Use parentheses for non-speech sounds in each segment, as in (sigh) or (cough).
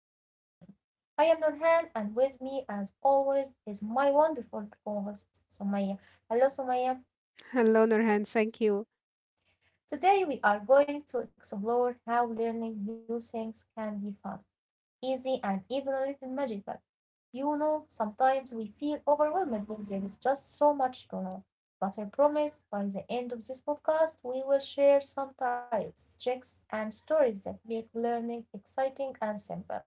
Information. I am Nurhan and with me as always is my wonderful co-host Sumaya. Hello Sumaya. Hello, Nurhan. Thank you. Today we are going to explore how learning new things can be fun, easy, and even a little magical. You know, sometimes we feel overwhelmed when there is just so much to know. But I promise by the end of this podcast, we will share some tips, tricks, and stories that make learning exciting and simple.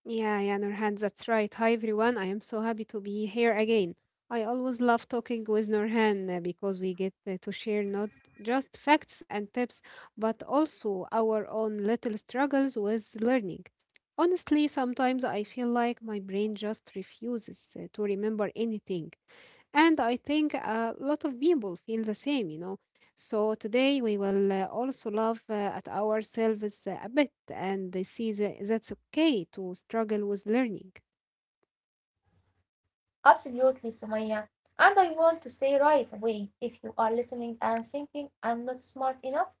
Yeah, yeah, Nurhan, that's right. Hi, everyone. I am so happy to be here again. I always love talking with Nurhan because we get to share not just facts and tips, but also our own little struggles with learning. Honestly, sometimes I feel like my brain just refuses to remember anything. And I think a lot of people feel the same. So today we will also love at ourselves a bit and they see that that's okay to struggle with learning. Absolutely, Sumaya. And I want to say right away if you are listening and thinking I'm not smart enough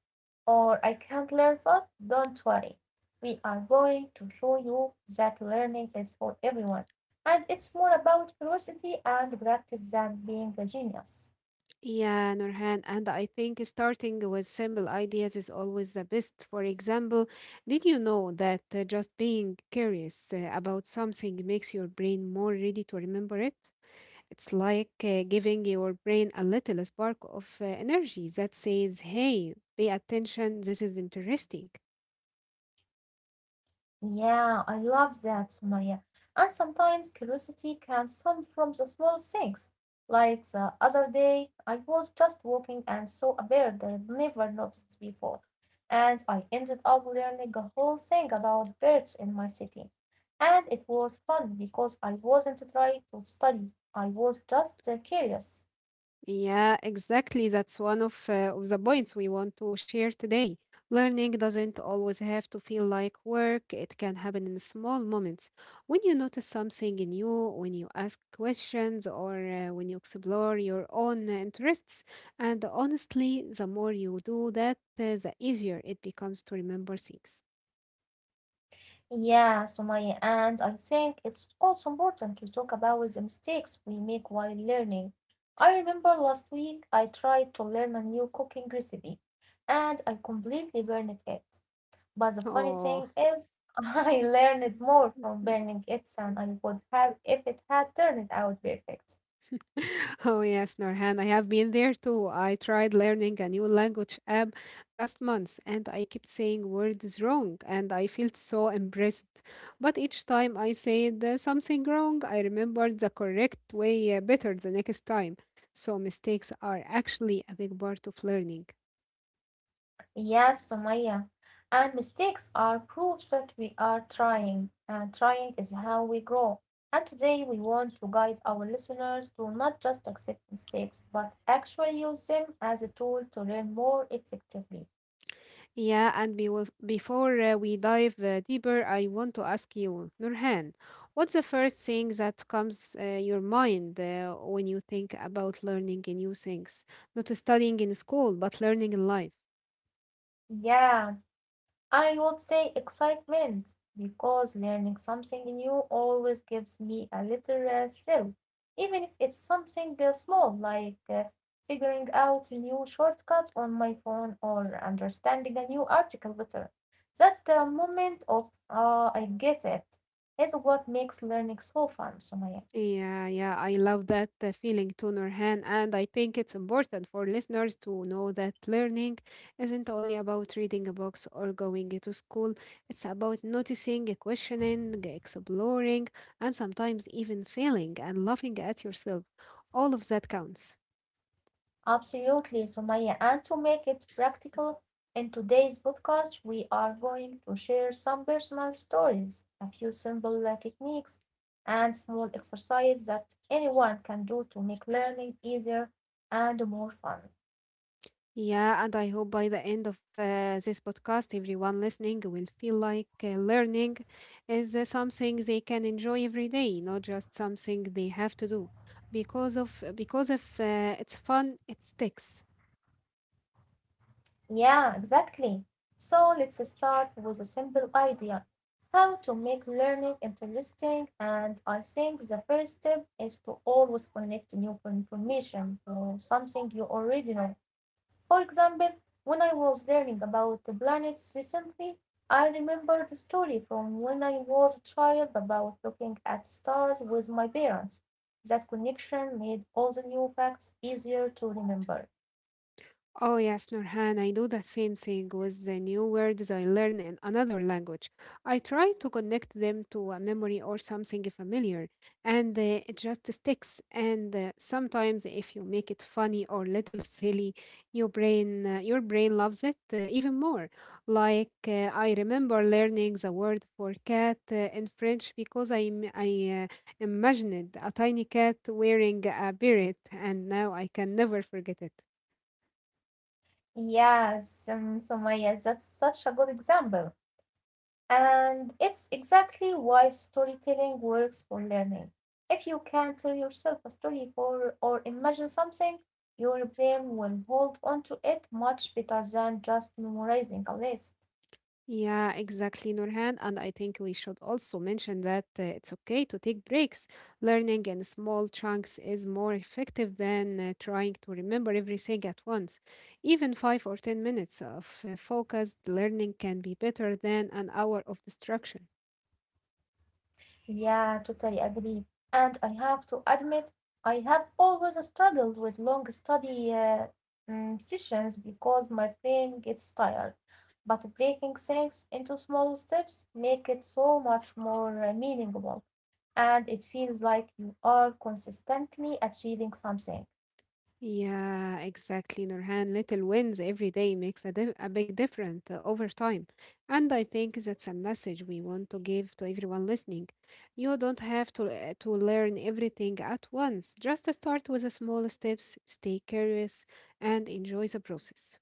or I can't learn fast, don't worry. We are going to show you that learning is for everyone. And it's more about curiosity and practice than being a genius. Yeah, Nurhan, and I think starting with simple ideas is always the best. For example, did you know that just being curious about something makes your brain more ready to remember it? It's like giving your brain a little spark of energy that says, hey, pay attention, this is interesting. Yeah, I love that, Sumaya. And sometimes curiosity can come from the small things. Like the other day, I was just walking and saw a bird I'd never noticed before. And I ended up learning a whole thing about birds in my city. And it was fun because I wasn't trying to study, I was just curious. Yeah, exactly. That's one of the points we want to share today. Learning doesn't always have to feel like work. It can happen in small moments. When you notice something new, when you ask questions, or when you explore your own interests. And honestly, the more you do that, the easier it becomes to remember things. Yeah, Sumaya, and I think it's also important to talk about the mistakes we make while learning. I remember last week I tried to learn a new cooking recipe and I completely burned it. But the funny Oh. thing is, (laughs) I learned more from burning (laughs) it than I would have if it had turned out perfect. Oh yes, Norhan, I have been there too. I tried learning a new language app last month and I kept saying words wrong and I felt so embarrassed. But each time I said something wrong, I remembered the correct way better the next time. So mistakes are actually a big part of learning. Yes, Sumaya. And mistakes are proofs that we are trying, and trying is how we grow. And today we want to guide our listeners to not just accept mistakes, but actually use them as a tool to learn more effectively. Yeah, and be before we dive deeper, I want to ask you, Nurhan, what's the first thing that comes your mind when you think about learning new things? Not studying in school, but learning in life. Yeah. I would say excitement, because learning something new always gives me a little thrill, even if it's something small like figuring out a new shortcut on my phone or understanding a new article better. That moment of, ah, I get it, is what makes learning so fun, Sumaya. Yeah, yeah, I love that feeling too, Nurhan, and I think it's important for listeners to know that learning isn't only about reading a box or going to school. It's about noticing, questioning, exploring, and sometimes even failing and laughing at yourself. All of that counts. Absolutely, Sumaya. And to make it practical, in today's podcast, we are going to share some personal stories, a few simple techniques, and small exercises that anyone can do to make learning easier and more fun. Yeah, and I hope by the end of this podcast, everyone listening will feel like learning is something they can enjoy every day, not just something they have to do. Because if it's fun, it sticks. Yeah, exactly. So let's start with a simple idea how to make learning interesting. And I think the first step is to always connect new information to something you already know. For example, when I was learning about the planets recently, I remembered a story from when I was a child about looking at stars with my parents. That connection made all the new facts easier to remember. Oh, yes, Nurhan, I do the same thing with the new words I learn in another language. I try to connect them to a memory or something familiar, and it just sticks. And sometimes, if you make it funny or little silly, your brain loves it even more. Like I remember learning the word for cat in French because I imagined a tiny cat wearing a beret, and now I can never forget it. Yes, Sumaya, that's such a good example. And it's exactly why storytelling works for learning. If you can tell yourself a story for, or imagine something, your brain will hold on to it much better than just memorizing a list. Yeah, exactly, Nurhan. And I think we should also mention that it's okay to take breaks. Learning in small chunks is more effective than trying to remember everything at once. Even 5 or 10 minutes of focused learning can be better than an hour of distraction. Yeah, totally agree. And I have to admit, I have always struggled with long study sessions because my brain gets tired. But breaking things into small steps make it so much more meaningful, and it feels like you are consistently achieving something. Yeah, exactly, Nurhan. Little wins every day makes a big difference over time. And I think that's a message we want to give to everyone listening. You don't have to learn everything at once. Just start with the small steps, stay curious, and enjoy the process.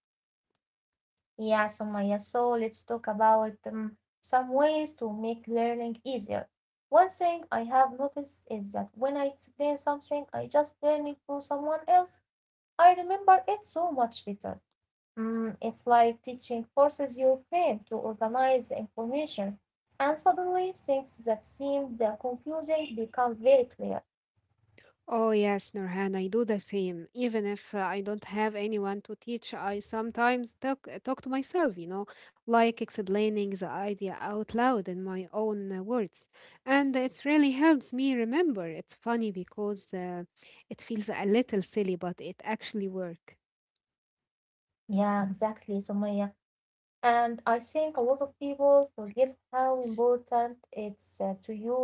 Yeah, Sumaya, so let's talk about some ways to make learning easier. One thing I have noticed is that when I explain something, I just learn it to someone else, I remember it so much better. It's like teaching forces your brain to organize the information, and suddenly things that seemed confusing become very clear. Oh, yes, Nurhan, I do the same. Even if I don't have anyone to teach, I sometimes talk to myself, you know, like explaining the idea out loud in my own words. And it really helps me remember. It's funny because it feels a little silly, but it actually works. Yeah, exactly, Sumaya. And I think a lot of people forget how important it's to use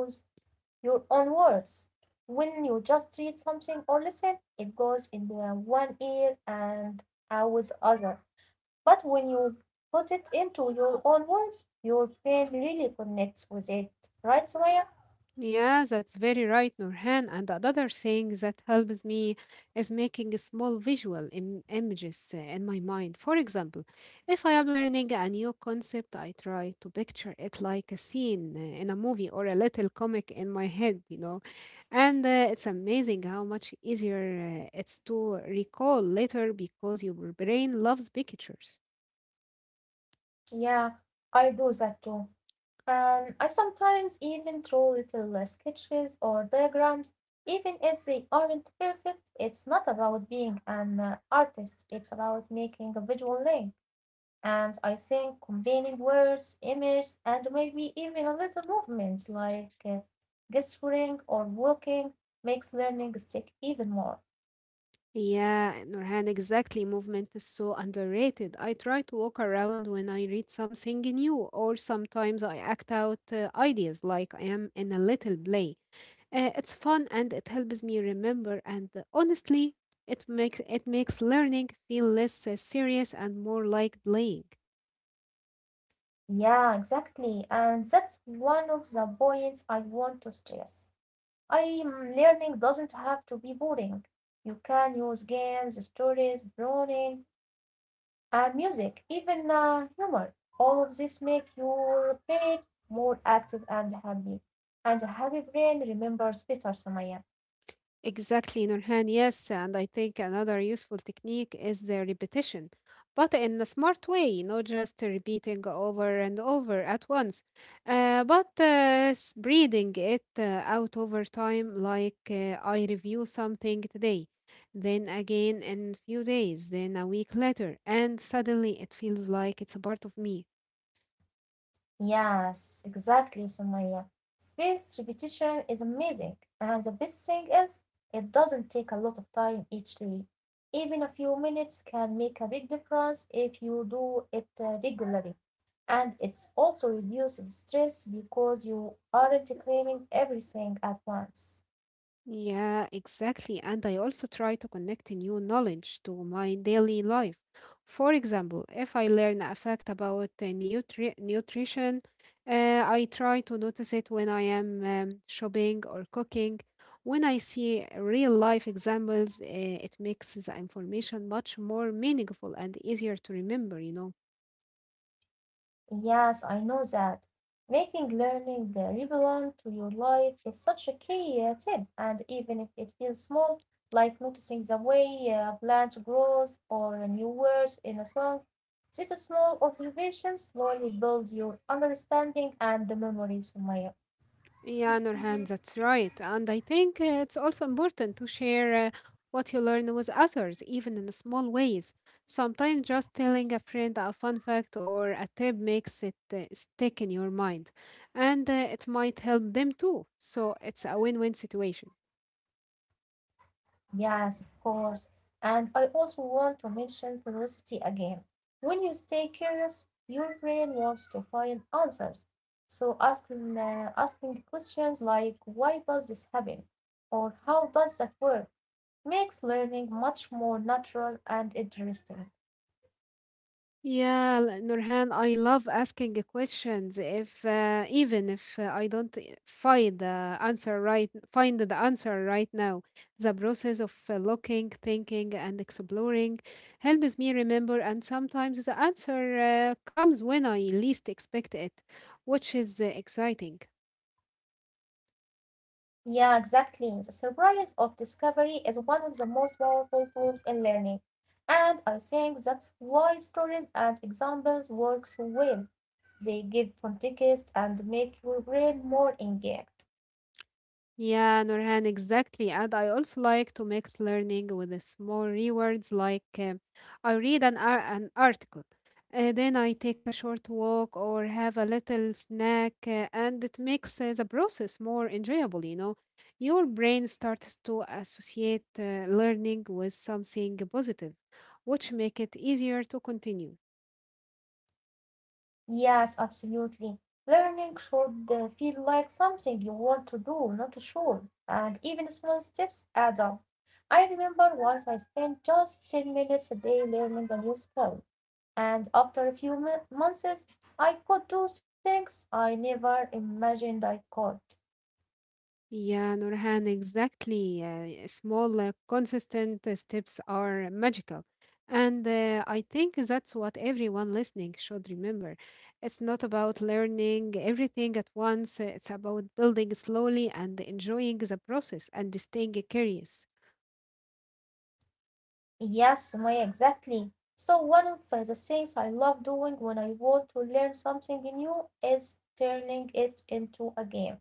your own words. When you just read something or listen, it goes in the one ear and out with the other. But when you put it into your own words, your brain really connects with it. Right, Sumaya? Yeah, that's very right, Nurhan. And another thing that helps me is making small visual images in my mind. For example, if I am learning a new concept, I try to picture it like a scene in a movie or a little comic in my head, you know. And it's amazing how much easier it's to recall later because your brain loves pictures. Yeah, I do that too. I sometimes even draw little sketches or diagrams, even if they aren't perfect. It's not about being an artist, it's about making a visual link. And I think combining words, images, and maybe even a little movement like gesturing or walking makes learning stick even more. Yeah, Nurhan, exactly. Movement is so underrated. I try to walk around when I read something new, or sometimes I act out ideas like I am in a little play. It's fun and it helps me remember. And honestly, it makes learning feel less serious and more like playing. Yeah, exactly. And that's one of the points I want to stress. Learning doesn't have to be boring. You can use games, stories, drawing, and music, even humor. All of this make your brain more active and happy, and a happy brain remembers better, Sumaya. Exactly, Nurhan. Yes, and I think another useful technique is the repetition, but in a smart way, not just repeating over and over at once, but spreading it out over time, like I review something today, then again in few days, then a week later, and suddenly it feels like it's a part of me. Yes, exactly, Sumaya. Spaced repetition is amazing, and the best thing is it doesn't take a lot of time each day. Even a few minutes can make a big difference if you do it regularly. And it also reduces stress because you aren't craving everything at once. Yeah, exactly. And I also try to connect new knowledge to my daily life. For example, if I learn a fact about nutrition, I try to notice it when I am shopping or cooking. When I see real life examples, it makes the information much more meaningful and easier to remember, you know. Yes, I know that. Making learning relevant to your life is such a key tip, and even if it feels small, like noticing the way a plant grows or new words in a song, these small observations slowly build your understanding and memory, Sumaya. Yeah, Nurhan, that's right. And I think it's also important to share what you learn with others, even in small ways. Sometimes just telling a friend a fun fact or a tip makes it stick in your mind, and it might help them too. So it's a win win situation. Yes, of course. And I also want to mention curiosity again. When you stay curious, your brain wants to find answers. So asking questions like why does this happen or how does that work makes learning much more natural and interesting. Nurhan, I love asking the questions. If even if I don't find the answer right now, the process of looking, thinking, and exploring helps me remember. And sometimes the answer comes when I least expect it, which is exciting. Yeah, exactly. The surprise of discovery is one of the most powerful tools in learning. And I think that's why stories and examples work so well. They give context and make your brain more engaged. Yeah, Nurhan, exactly. And I also like to mix learning with the small rewards, like I read an article, then I take a short walk or have a little snack, and it makes the process more enjoyable, you know. Your brain starts to associate learning with something positive, which make it easier to continue. Yes, absolutely. Learning should feel like something you want to do, not a chore. And even small steps add up. I remember once I spent just 10 minutes a day learning a new skill. And after a few months I could do things I never imagined I could. Yeah, Nurhan, exactly. Small, consistent steps are magical. And I think that's what everyone listening should remember. It's not about learning everything at once. It's about building slowly and enjoying the process and staying curious. Yes, Sumaya, exactly. So one of the things I love doing when I want to learn something new is turning it into a game.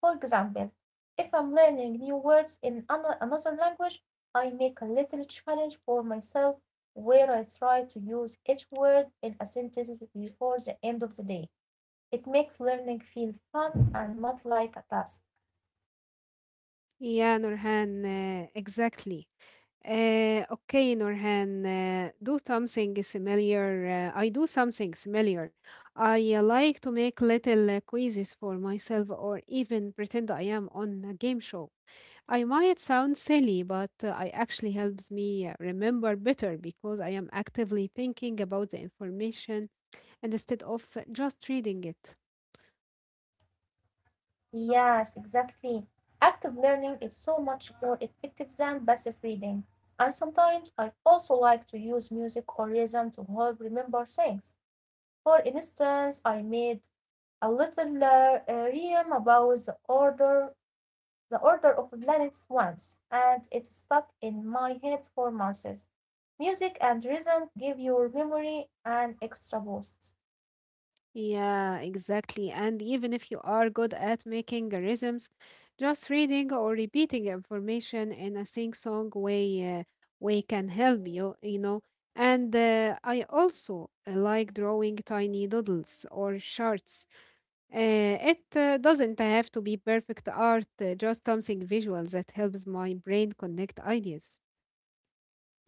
For example, if I'm learning new words in another language, I make a little challenge for myself where I try to use each word in a sentence before the end of the day. It makes learning feel fun and not like a task. Yeah, Nurhan, exactly. Okay, Norhan, do something similar. I do something similar. I like to make little quizzes for myself or even pretend I am on a game show. I might sound silly, but I actually helps me remember better because I am actively thinking about the information and instead of just reading it. Yes, exactly. Active learning is so much more effective than passive reading. And sometimes I also like to use music or rhythm to help remember things. For instance, I made a little rhyme about the order of planets once, and it stuck in my head for months. Music and rhythm give your memory an extra boost. Yeah, exactly. And even if you are good at making rhythms, just reading or repeating information in a sing-song way, way can help you, you know. And I also like drawing tiny doodles or charts it doesn't have to be perfect art, just something visual that helps my brain connect ideas.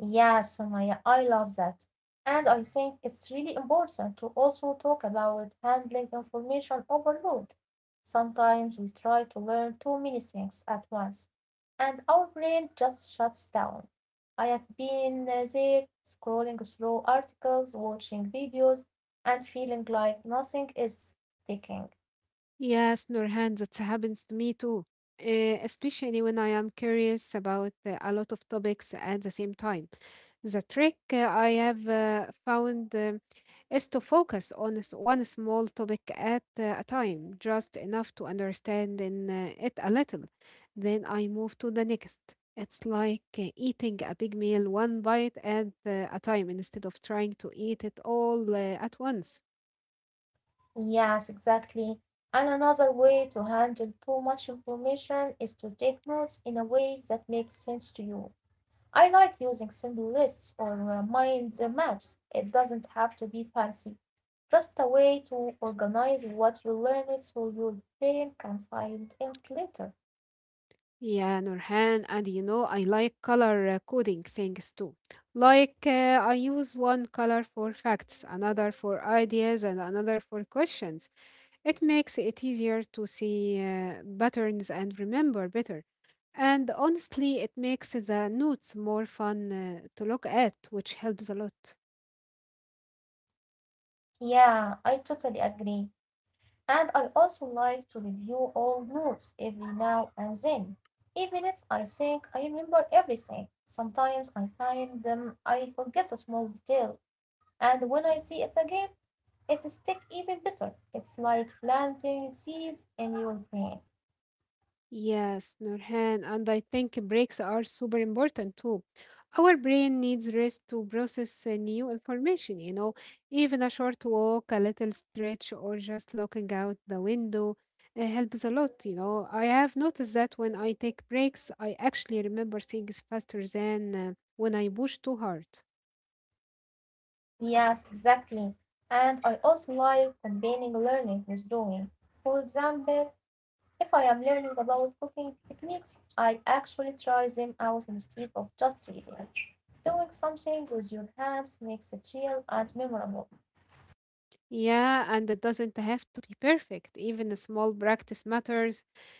Yeah, Sumaya, I love that. And I think it's really important to also talk about handling information overload. Sometimes we try to learn too many things at once, and our brain just shuts down. I have been there scrolling through articles, watching videos, and feeling like nothing is sticking. Yes, Nurhan, that happens to me too. Especially when I am curious about a lot of topics at the same time. The trick I have found is to focus on one small topic at a time, just enough to understand it a little. Then I move to the next. It's like eating a big meal one bite at a time instead of trying to eat it all at once. Yes, exactly. And another way to handle too much information is to take notes in a way that makes sense to you. I like using simple lists or mind maps; it doesn't have to be fancy, just a way to organize what you learned so your brain can find it later. Yeah, Nurhan, and you know, I like color coding things too. Like, uh, I use one color for facts, another for ideas, and another for questions. It makes it easier to see patterns and remember better. And honestly, it makes the notes more fun to look at, which helps a lot. Yeah, I totally agree. And I also like to review old notes every now and then, even if I think I remember everything. Sometimes I find them I forget a small detail, and when I see it again, it sticks even better. It's like planting seeds in your brain. Yes, Nurhan, and I think breaks are super important too. Our brain needs rest to process new information, you know, even a short walk, a little stretch, or just looking out the window helps a lot, you know. I have noticed that when I take breaks, I actually remember things faster than when I push too hard. Yes, exactly. And I also like combining learning with doing. For example, if I am learning about cooking techniques, I actually try them out instead of just reading. Doing something with your hands makes it real and memorable. Yeah, and it doesn't have to be perfect. Even a small practice matters.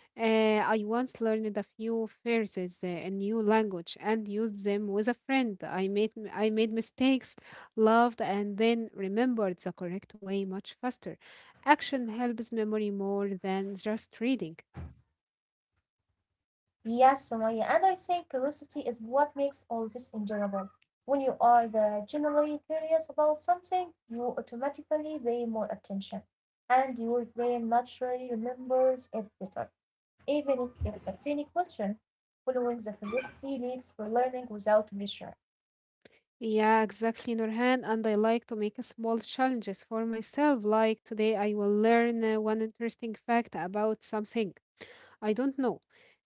Uh, I once learned a few phrases in new language and used them with a friend. I made mistakes, loved, and then remembered the correct way much faster. Action helps memory more than just reading. Yes, Sumaya, and I think curiosity is what makes all this enjoyable. When you are generally curious about something, you automatically pay more attention, and your brain naturally remembers it better, even if it is a tiny question, following the philosophy leads for learning without pressure. Yeah, exactly, Nurhan. And I like to make small challenges for myself. Like today, I will learn one interesting fact about something. I don't know.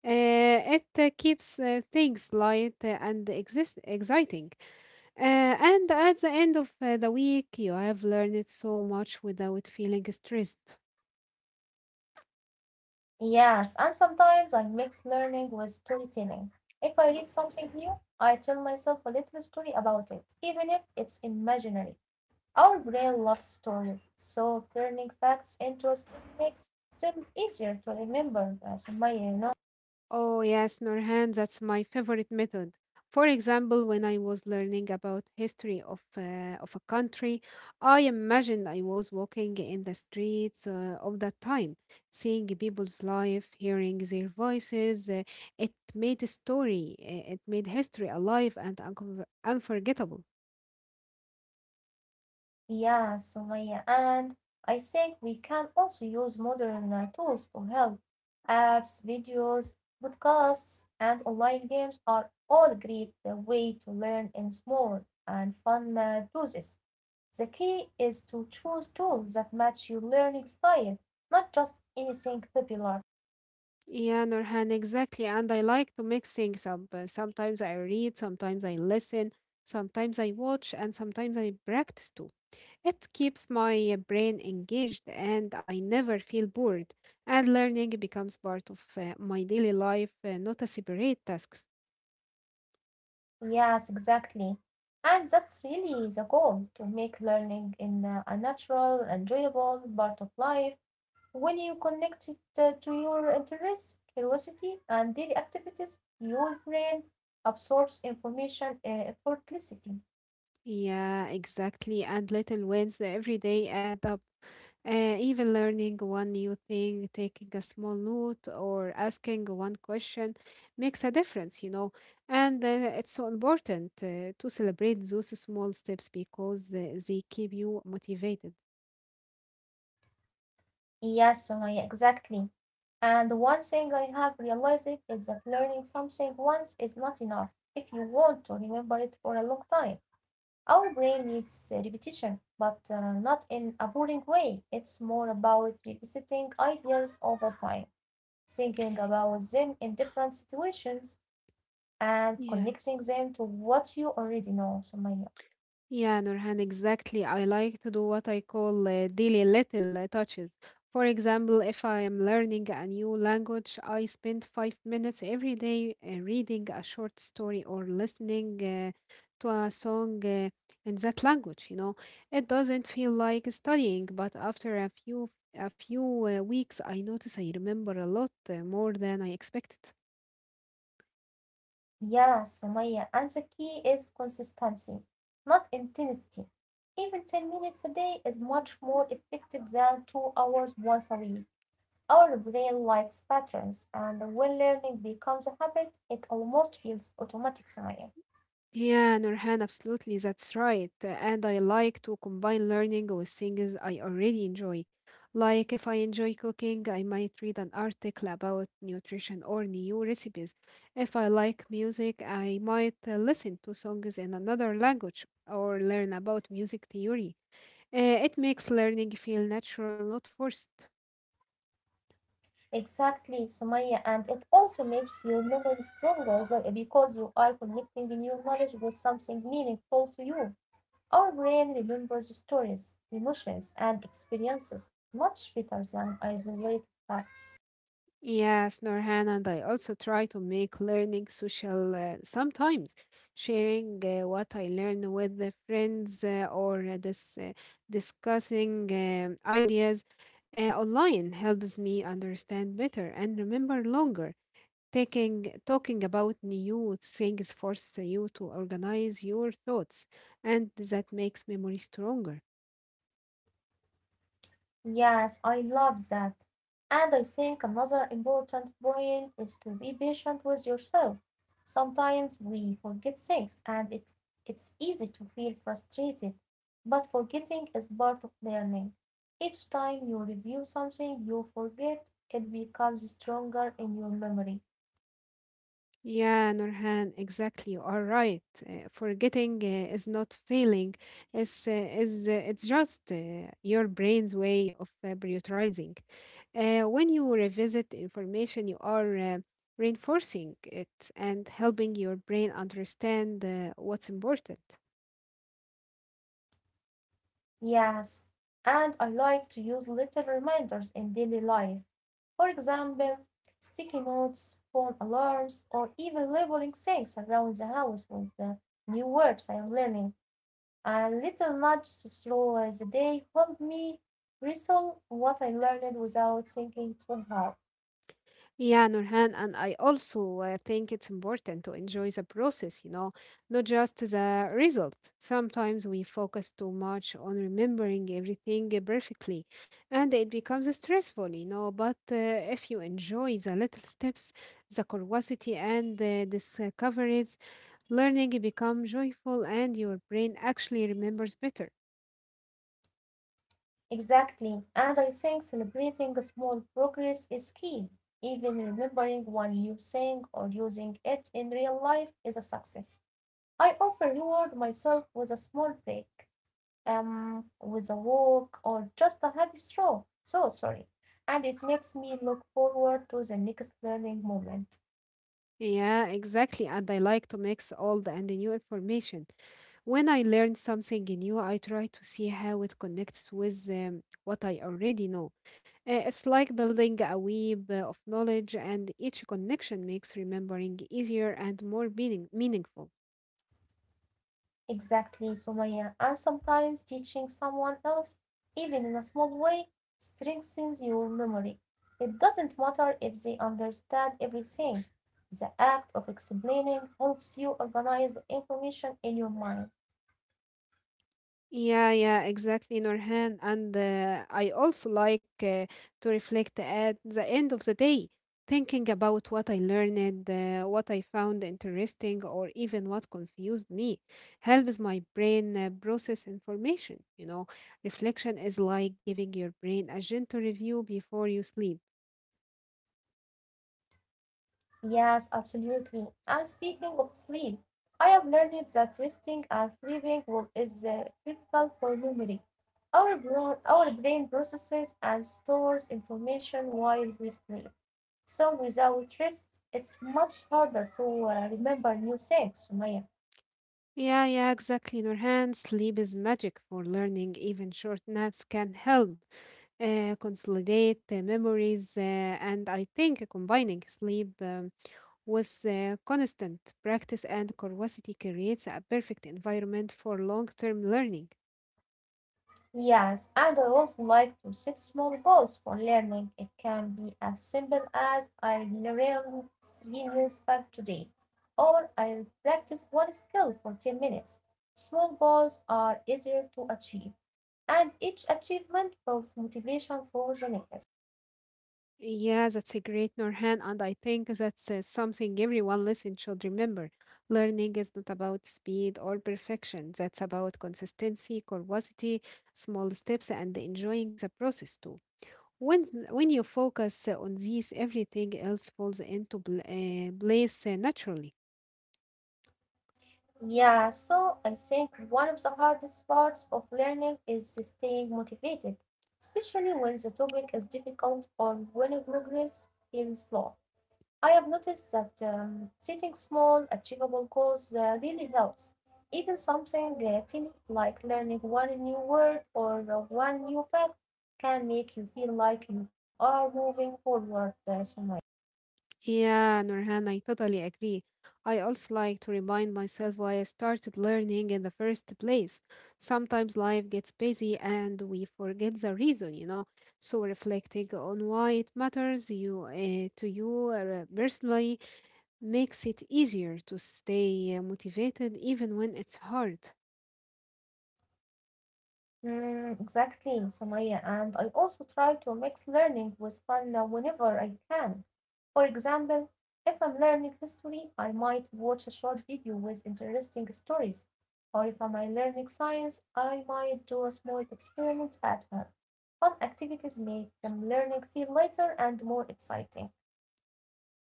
It keeps things light and exist exciting. And at the end of the week, you have learned so much without feeling stressed. Yes, and sometimes I mix learning with storytelling. If I read something new, I tell myself a little story about it, even if it's imaginary. Our brain loves stories, so turning facts into a story makes them easier to remember, Sumaya, you know. Oh, yes, Norhan, that's my favorite method. For example, when I was learning about history of a country, I imagined I was walking in the streets of that time, seeing people's life, hearing their voices. It made a story. It made history alive and unconver unforgettable. Yeah, Sumaya, and I think we can also use modern tools to help. Apps, videos, podcasts, and online games are all great way to learn in small and fun doses. The key is to choose tools that match your learning style, not just anything popular. Yeah, Norhan, exactly. And I like to mix things up. Sometimes I read, sometimes I listen, sometimes I watch, and sometimes I practice too. It keeps my brain engaged and I never feel bored. And learning becomes part of my daily life, not a separate task. Yes, exactly. And that's really the goal to make learning in a natural, enjoyable part of life. When you connect it to your interests, curiosity, and daily activities, your brain absorbs information effortlessly. Yeah, exactly. And little wins every day add up. Even learning one new thing, taking a small note, or asking one question makes a difference. And it's so important to celebrate those small steps because they keep you motivated. Yes, Sumaya, exactly. And one thing I have realized is that learning something once is not enough if you want to remember it for a long time. Our brain needs repetition, but not in a boring way. It's more about revisiting ideas over time, thinking about them in different situations, and connecting Yes. them to what you already know, Sumaya. Yeah, Nurhan, exactly. I like to do what I call daily little touches. For example, if I am learning a new language, I spend 5 minutes every day reading a short story or listening to a song in that language, you know. It doesn't feel like studying, but after a few weeks, I notice I remember a lot more than I expected. Yeah, Sumaya. And the key is consistency, not intensity. Even 10 minutes a day is much more effective than 2 hours once a week. Our brain likes patterns, and when learning becomes a habit, it almost feels automatic, Sumaya. Yeah, Nurhan, absolutely, that's right. And I like to combine learning with things I already enjoy. Like if I enjoy cooking, I might read an article about nutrition or new recipes. If I like music, I might listen to songs in another language or learn about music theory. It makes learning feel natural, not forced. Exactly, Sumaya, and it also makes your memory stronger because you are connecting new knowledge with something meaningful to you. Our brain remembers stories, emotions, and experiences much better than isolated facts. Yes, Norhan, and I also try to make learning social sometimes, sharing what I learn with the friends or discussing ideas online helps me understand better and remember longer. Taking talking about new things forces you to organize your thoughts, and that makes memory stronger. Yes, I love that. And I think another important point is to be patient with yourself. Sometimes we forget things and it's easy to feel frustrated, but forgetting is part of learning. Each time you review something you forget, it becomes stronger in your memory. Yeah, Nurhan, exactly. You are right. Forgetting is not failing. It's is it's just your brain's way of prioritizing. When you revisit information, you are reinforcing it and helping your brain understand what's important. Yes, and I like to use little reminders in daily life. For example, sticky notes, phone alarms, or even labeling things around the house with the new words I am learning. A little nudge to slow the day helped me recall what I learned without thinking too hard. Yeah, Nurhan, and I also think it's important to enjoy the process, you know, not just the result. Sometimes we focus too much on remembering everything perfectly and it becomes stressful, you know. But if you enjoy the little steps, the curiosity and the discoveries, learning become joyful and your brain actually remembers better. Exactly, and I think celebrating small progress is key. Even remembering one new thing or using it in real life is a success. I often reward myself with a small break, with a walk, or just a happy stroll. So sorry. And it makes me look forward to the next learning moment. Yeah, exactly. And I like to mix old and new information. When I learn something new, I try to see how it connects with what I already know. It's like building a web of knowledge, and each connection makes remembering easier and more meaningful. Exactly, Sumaya. And sometimes teaching someone else, even in a small way, strengthens your memory. It doesn't matter if they understand everything. The act of explaining helps you organize the information in your mind. Yeah, yeah, exactly, Nurhan. And I also like to reflect at the end of the day, thinking about what I learned, what I found interesting, or even what confused me, helps my brain process information. You know, reflection is like giving your brain a gentle review before you sleep. Yes, absolutely. And speaking of sleep, I have learned that resting and sleeping well is critical for memory. Our brain processes and stores information while we sleep. So without rest, it's much harder to remember new things, Sumaya. Yeah, yeah, exactly, Nurhan. Sleep is magic for learning. Even short naps can help consolidate the memories, and I think combining sleep with constant practice and curiosity creates a perfect environment for long term learning. Yes, and I also like to set small goals for learning. It can be as simple as I learned three new facts today. Or I'll practice one skill for 10 minutes. Small goals are easier to achieve, and each achievement builds motivation for the next. Yeah, that's a great Norhan, and I think that's something everyone listening should remember. Learning is not about speed or perfection, that's about consistency, curiosity, small steps, and enjoying the process too. When when you focus on these, everything else falls into place naturally. Yeah, so I think one of the hardest parts of learning is staying motivated, especially when the topic is difficult or when progress feels slow. I have noticed that setting small, achievable goals really helps. Even something tiny like learning one new word or one new fact can make you feel like you are moving forward, Sumaya. Yeah, Nurhan, I totally agree. I also like to remind myself why I started learning in the first place. Sometimes life gets busy and we forget the reason, you know. So reflecting on why it matters you to you personally makes it easier to stay motivated even when it's hard. Mm, exactly, Sumaya. And I also try to mix learning with fun now whenever I can. For example, if I'm learning history, I might watch a short video with interesting stories. Or if I'm learning science, I might do a small experiment at home. Fun activities make learning feel lighter and more exciting.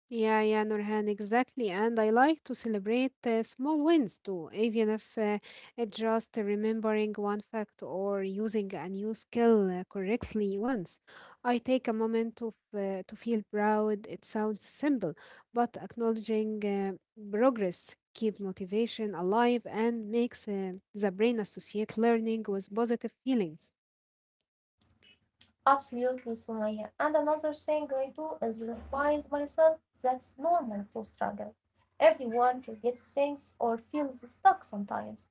Yeah, yeah, Nurhan, exactly. And I like to celebrate small wins too, even if it's just remembering one fact or using a new skill correctly once. I take a moment to, to feel proud. It sounds simple, but acknowledging progress keep motivation alive and makes the brain associate learning with positive feelings. Absolutely, Soraya. And another thing I do is remind myself that's normal to struggle. Everyone forgets things or feels stuck sometimes,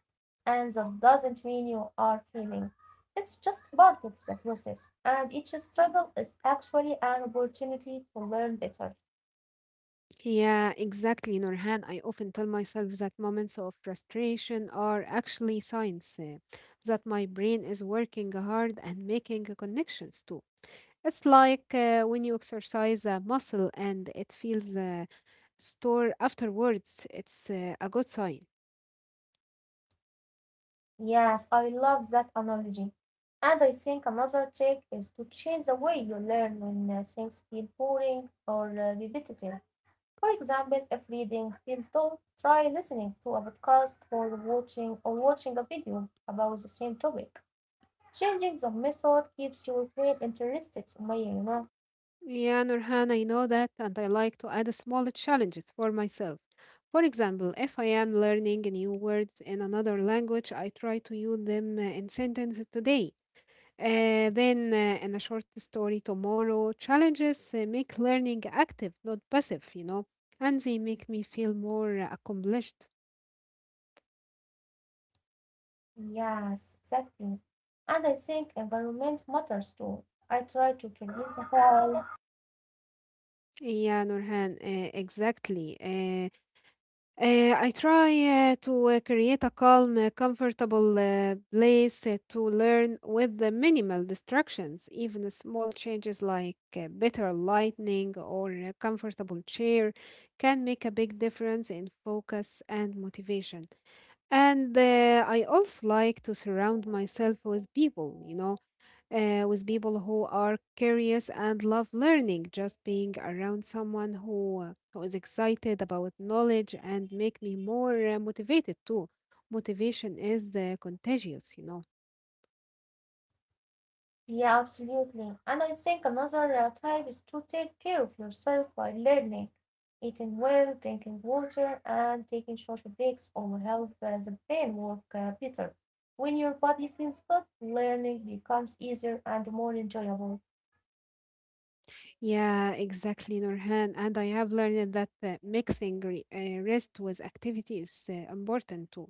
and that doesn't mean you are failing. It's just part of the process, and each struggle is actually an opportunity to learn better. Yeah, exactly, Nurhan. I often tell myself that moments of frustration are actually signs that my brain is working hard and making connections too. It's like when you exercise a muscle and it feels sore afterwards, it's a good sign. Yes, I love that analogy. And I think another trick is to change the way you learn when things feel boring or repetitive. For example, if reading feels dull, try listening to a podcast or watching a video about the same topic. Changing the method keeps your brain interested, Sumaya. Yeah, Nurhan, I know that, and I like to add small challenges for myself. For example, if I am learning new words in another language, I try to use them in sentences today. Then in a short story tomorrow, challenges make learning active, not passive, you know, and they make me feel more accomplished. Yes, exactly. And I think environment matters too. I try to create a hall. Yeah, Nurhan, exactly. I try to create a calm, comfortable place to learn with the minimal distractions, even the small changes like better lighting or a comfortable chair can make a big difference in focus and motivation. And I also like to surround myself with people, you know, with people who are curious and love learning. Just being around someone who who is excited about knowledge and make me more motivated too. Motivation is contagious, you know. Yeah, absolutely. And I think another type is to take care of yourself while learning, eating well, drinking water, and taking short breaks will help the brain work better. When your body feels good, learning becomes easier and more enjoyable. Yeah, exactly, Nurhan. And I have learned that mixing rest with activity is important too.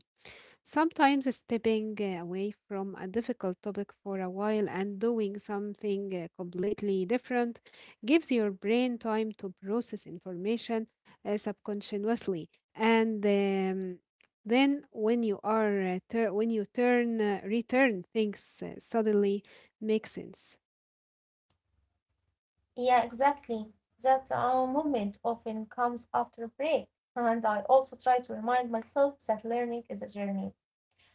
Sometimes stepping away from a difficult topic for a while and doing something completely different gives your brain time to process information subconsciously. And then when you are when you turn return, things suddenly make sense. Yeah, exactly. That moment often comes after a break. And I also try to remind myself that learning is a journey.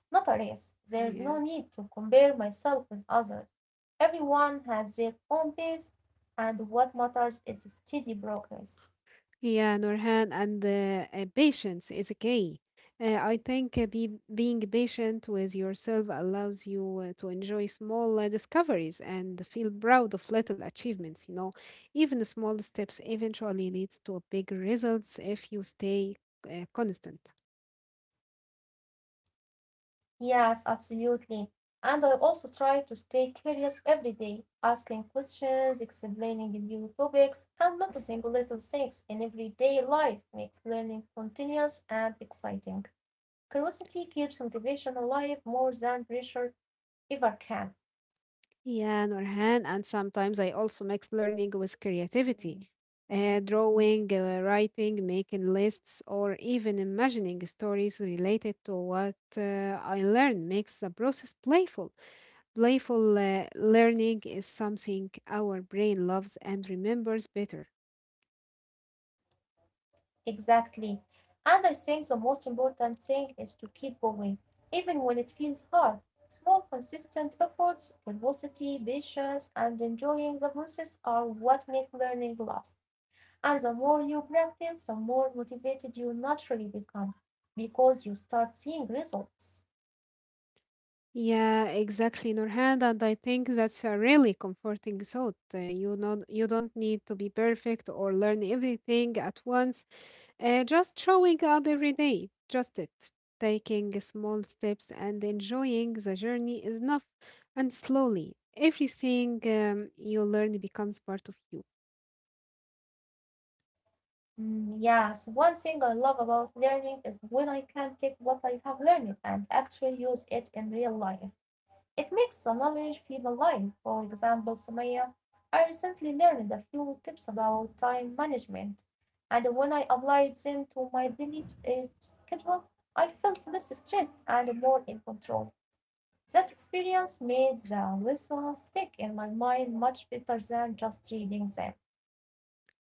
Not a race. There's Yeah. no need to compare myself with others. Everyone has their own pace, and what matters is steady progress. Yeah, Nurhan, and patience is key. I think being patient with yourself allows you to enjoy small discoveries and feel proud of little achievements. You know, even the small steps eventually leads to big results if you stay constant. Yes, absolutely. And I also try to stay curious every day, asking questions, explaining new topics, and noticing little things in everyday life makes learning continuous and exciting. Curiosity keeps motivation alive more than pressure ever can. Yeah, Nurhan, and sometimes I also mix learning with creativity. Drawing, writing, making lists, or even imagining stories related to what I learn makes the process playful. Playful learning is something our brain loves and remembers better. Exactly. And I think the most important thing is to keep going, even when it feels hard. Small, consistent efforts, curiosity, patience, and enjoying the process are what make learning last. And the more you practice, the more motivated you naturally become because you start seeing results. Yeah, exactly, Nurhan. And I think that's a really comforting thought. You know, you don't need to be perfect or learn everything at once. Just showing up every day, just it. Taking small steps and enjoying the journey is enough. And slowly, everything you learn becomes part of you. Mm, yes, one thing I love about learning is when I can take what I have learned and actually use it in real life. It makes the knowledge feel alive. For example, Sumaya, I recently learned a few tips about time management, and when I applied them to my daily schedule, I felt less stressed and more in control. That experience made the lessons stick in my mind much better than just reading them.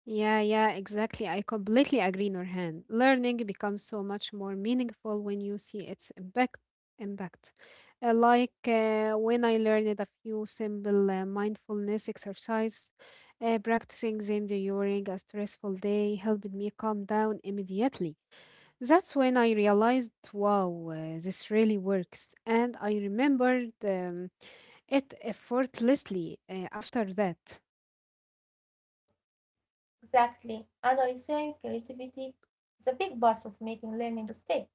Yeah, yeah, exactly. I completely agree, Nurhan. Learning becomes so much more meaningful when you see its impact, like when I learned a few simple mindfulness exercise, practicing them during a stressful day helped me calm down immediately. That's when I realized, wow, this really works, and I remembered it effortlessly after that. Exactly. And I think creativity is a big part of making learning stick.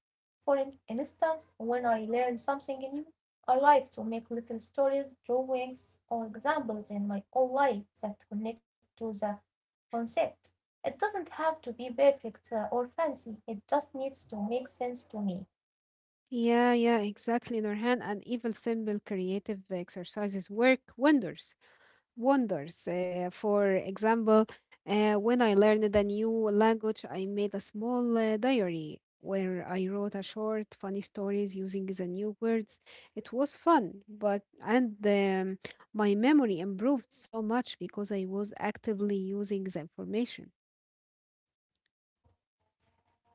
For instance, when I learn something new, I like to make little stories, drawings, or examples in my own life that connect to the concept. It doesn't have to be perfect or fancy, it just needs to make sense to me. Yeah, yeah, exactly, Nurhan. And even simple creative exercises work wonders. For example, when I learned a new language, I made a small diary where I wrote a short, funny stories using the new words. It was fun, but and my memory improved so much because I was actively using the information.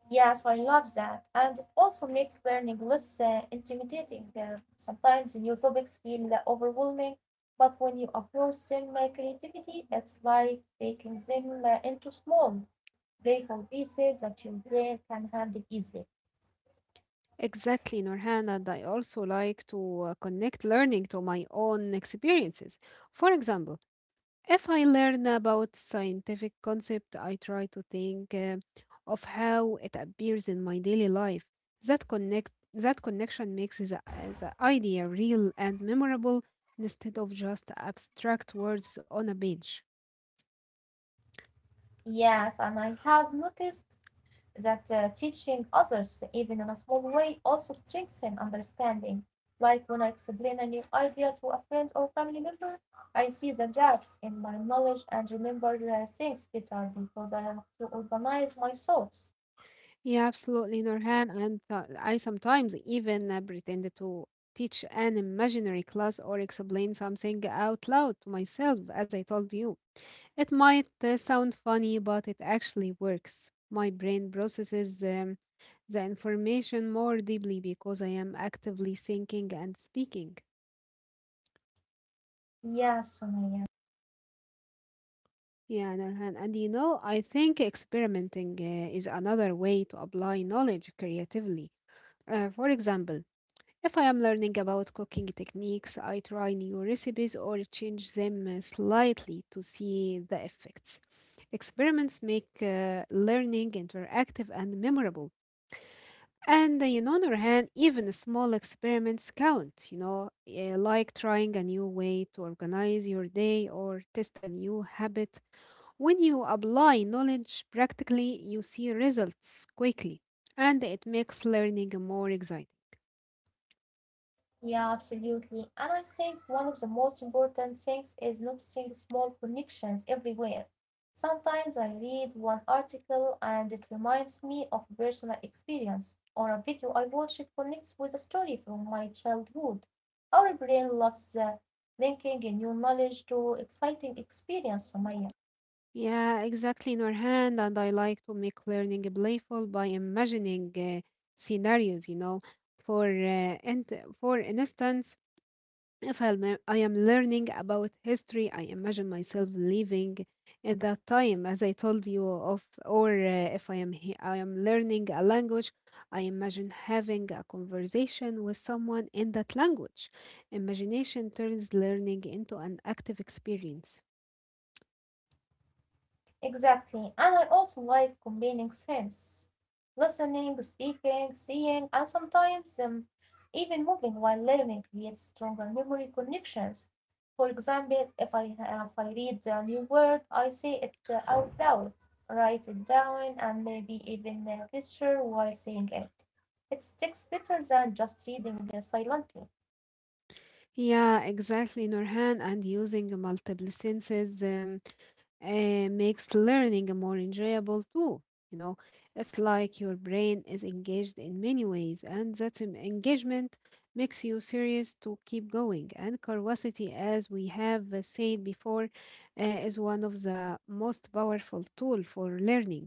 Yes, I love that, and it also makes learning less intimidating. Sometimes new topics feel overwhelming, but when you approach them with creativity, it's like breaking them into small, playful pieces that your brain can handle easily. Exactly, Nurhan, and I also like to connect learning to my own experiences. For example, if I learn about scientific concept, I try to think of how it appears in my daily life. That connection makes the idea real and memorable instead of just abstract words on a page. Yes, and I have noticed that teaching others even in a small way also strengthens understanding. Like when I explain a new idea to a friend or family member, I see the gaps in my knowledge and remember things better because I have to organize my thoughts. Yeah, absolutely, Nurhan. And I sometimes even pretend to teach an imaginary class or explain something out loud to myself, as I told you. It might sound funny, but it actually works. My brain processes the information more deeply because I am actively thinking and speaking. Yeah, Sumaya. Yeah, Nurhan. And you know, I think experimenting is another way to apply knowledge creatively. For example, if I am learning about cooking techniques, I try new recipes or change them slightly to see the effects. Experiments make learning interactive and memorable. And you know, Nurhan, even small experiments count, you know, like trying a new way to organize your day or test a new habit. When you apply knowledge practically, you see results quickly, and it makes learning more exciting. Yeah, absolutely. And I think one of the most important things is noticing small connections everywhere. Sometimes I read one article and it reminds me of a personal experience, or a video I watch it connects with a story from my childhood. Our brain loves the linking in new knowledge to exciting experience, Sumaya. Yeah, exactly, Norhan. And I like to make learning playful by imagining scenarios, you know. For uh, and for instance, if I'm, lear- I am learning about history, I imagine myself living at that time, as I told you of. Or if I I am learning a language, I imagine having a conversation with someone in that language. Imagination turns learning into an active experience. Exactly. And I also like combining sense, listening, speaking, seeing, and sometimes even moving while learning creates stronger memory connections. For example, if I read a new word, I say it out loud, write it down, and maybe even gesture while saying it. It sticks better than just reading silently. Yeah, exactly, Nurhan. And using multiple senses makes learning more enjoyable too. You know, it's like your brain is engaged in many ways, and that engagement makes you serious to keep going. And curiosity, as we have said before, is one of the most powerful tool for learning.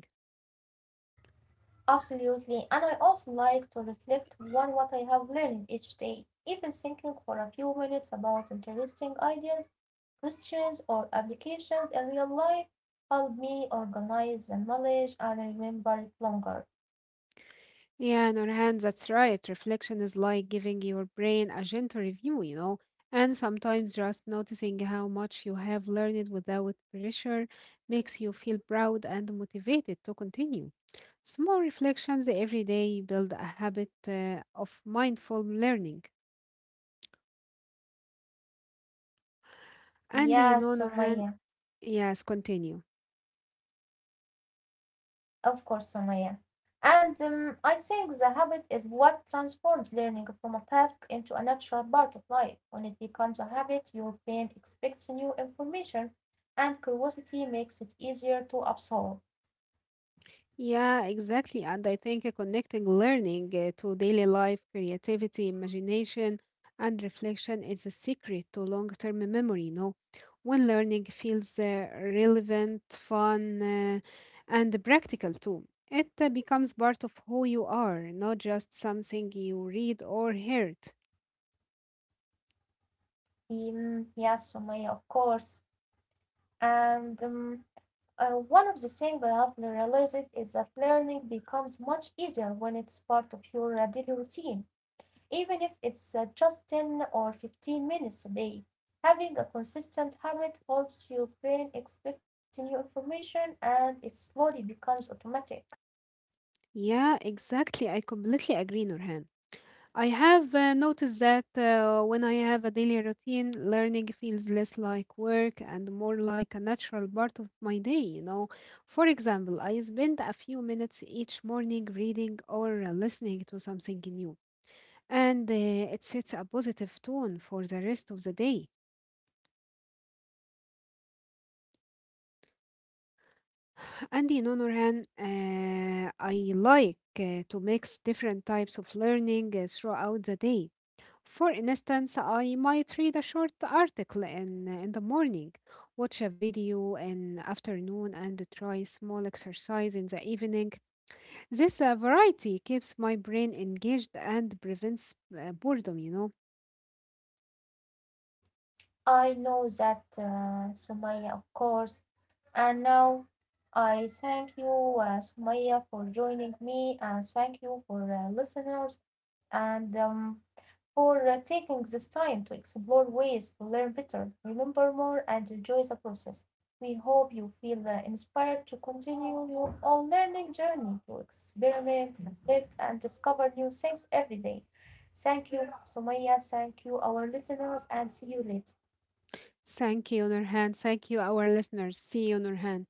Absolutely. And I also like to reflect on what I have learned each day, even thinking for a few minutes about interesting ideas, questions, or applications in real life help me organize the knowledge and remember it longer. Yeah, Nurhan, that's right. Reflection is like giving your brain a gentle review, you know, and sometimes just noticing how much you have learned without pressure makes you feel proud and motivated to continue. Small reflections every day build a habit of mindful learning. And Yes, you know, Sumaya. Nurhan, yes, continue. Of course, Sumaya. And I think the habit is what transforms learning from a task into a natural part of life. When it becomes a habit, your brain expects new information, and curiosity makes it easier to absorb. Yeah, exactly. And I think connecting learning to daily life, creativity, imagination, and reflection is a secret to long-term memory, you know. When learning feels relevant, fun, and practical too, it becomes part of who you are, not just something you read or heard. Yes, Sumaya, of course. And one of the things I have realized is that learning becomes much easier when it's part of your daily routine. Even if it's just 10 or 15 minutes a day. Having a consistent habit helps your brain expect new information, and it slowly becomes automatic. Yeah, exactly. I completely agree, Nurhan. I have noticed that when I have a daily routine, learning feels less like work and more like a natural part of my day, you know. For example, I spend a few minutes each morning reading or listening to something new, and it sets a positive tone for the rest of the day. And in honor hand, I like to mix different types of learning throughout the day. For instance, I might read a short article in the morning, watch a video in afternoon, and try small exercise in the evening. This variety keeps my brain engaged and prevents boredom, you know. I know that, Sumaya, of course. And now I thank you, Sumaya, for joining me, and thank you for listeners. And for taking this time to explore ways to learn better, remember more, and enjoy the process. We hope you feel inspired to continue your own learning journey, to experiment, reflect, and discover new things every day. Thank you, Sumaya. Thank you, our listeners, and see you later. Thank you, Nurhan. Thank you, our listeners. See you, Nurhan.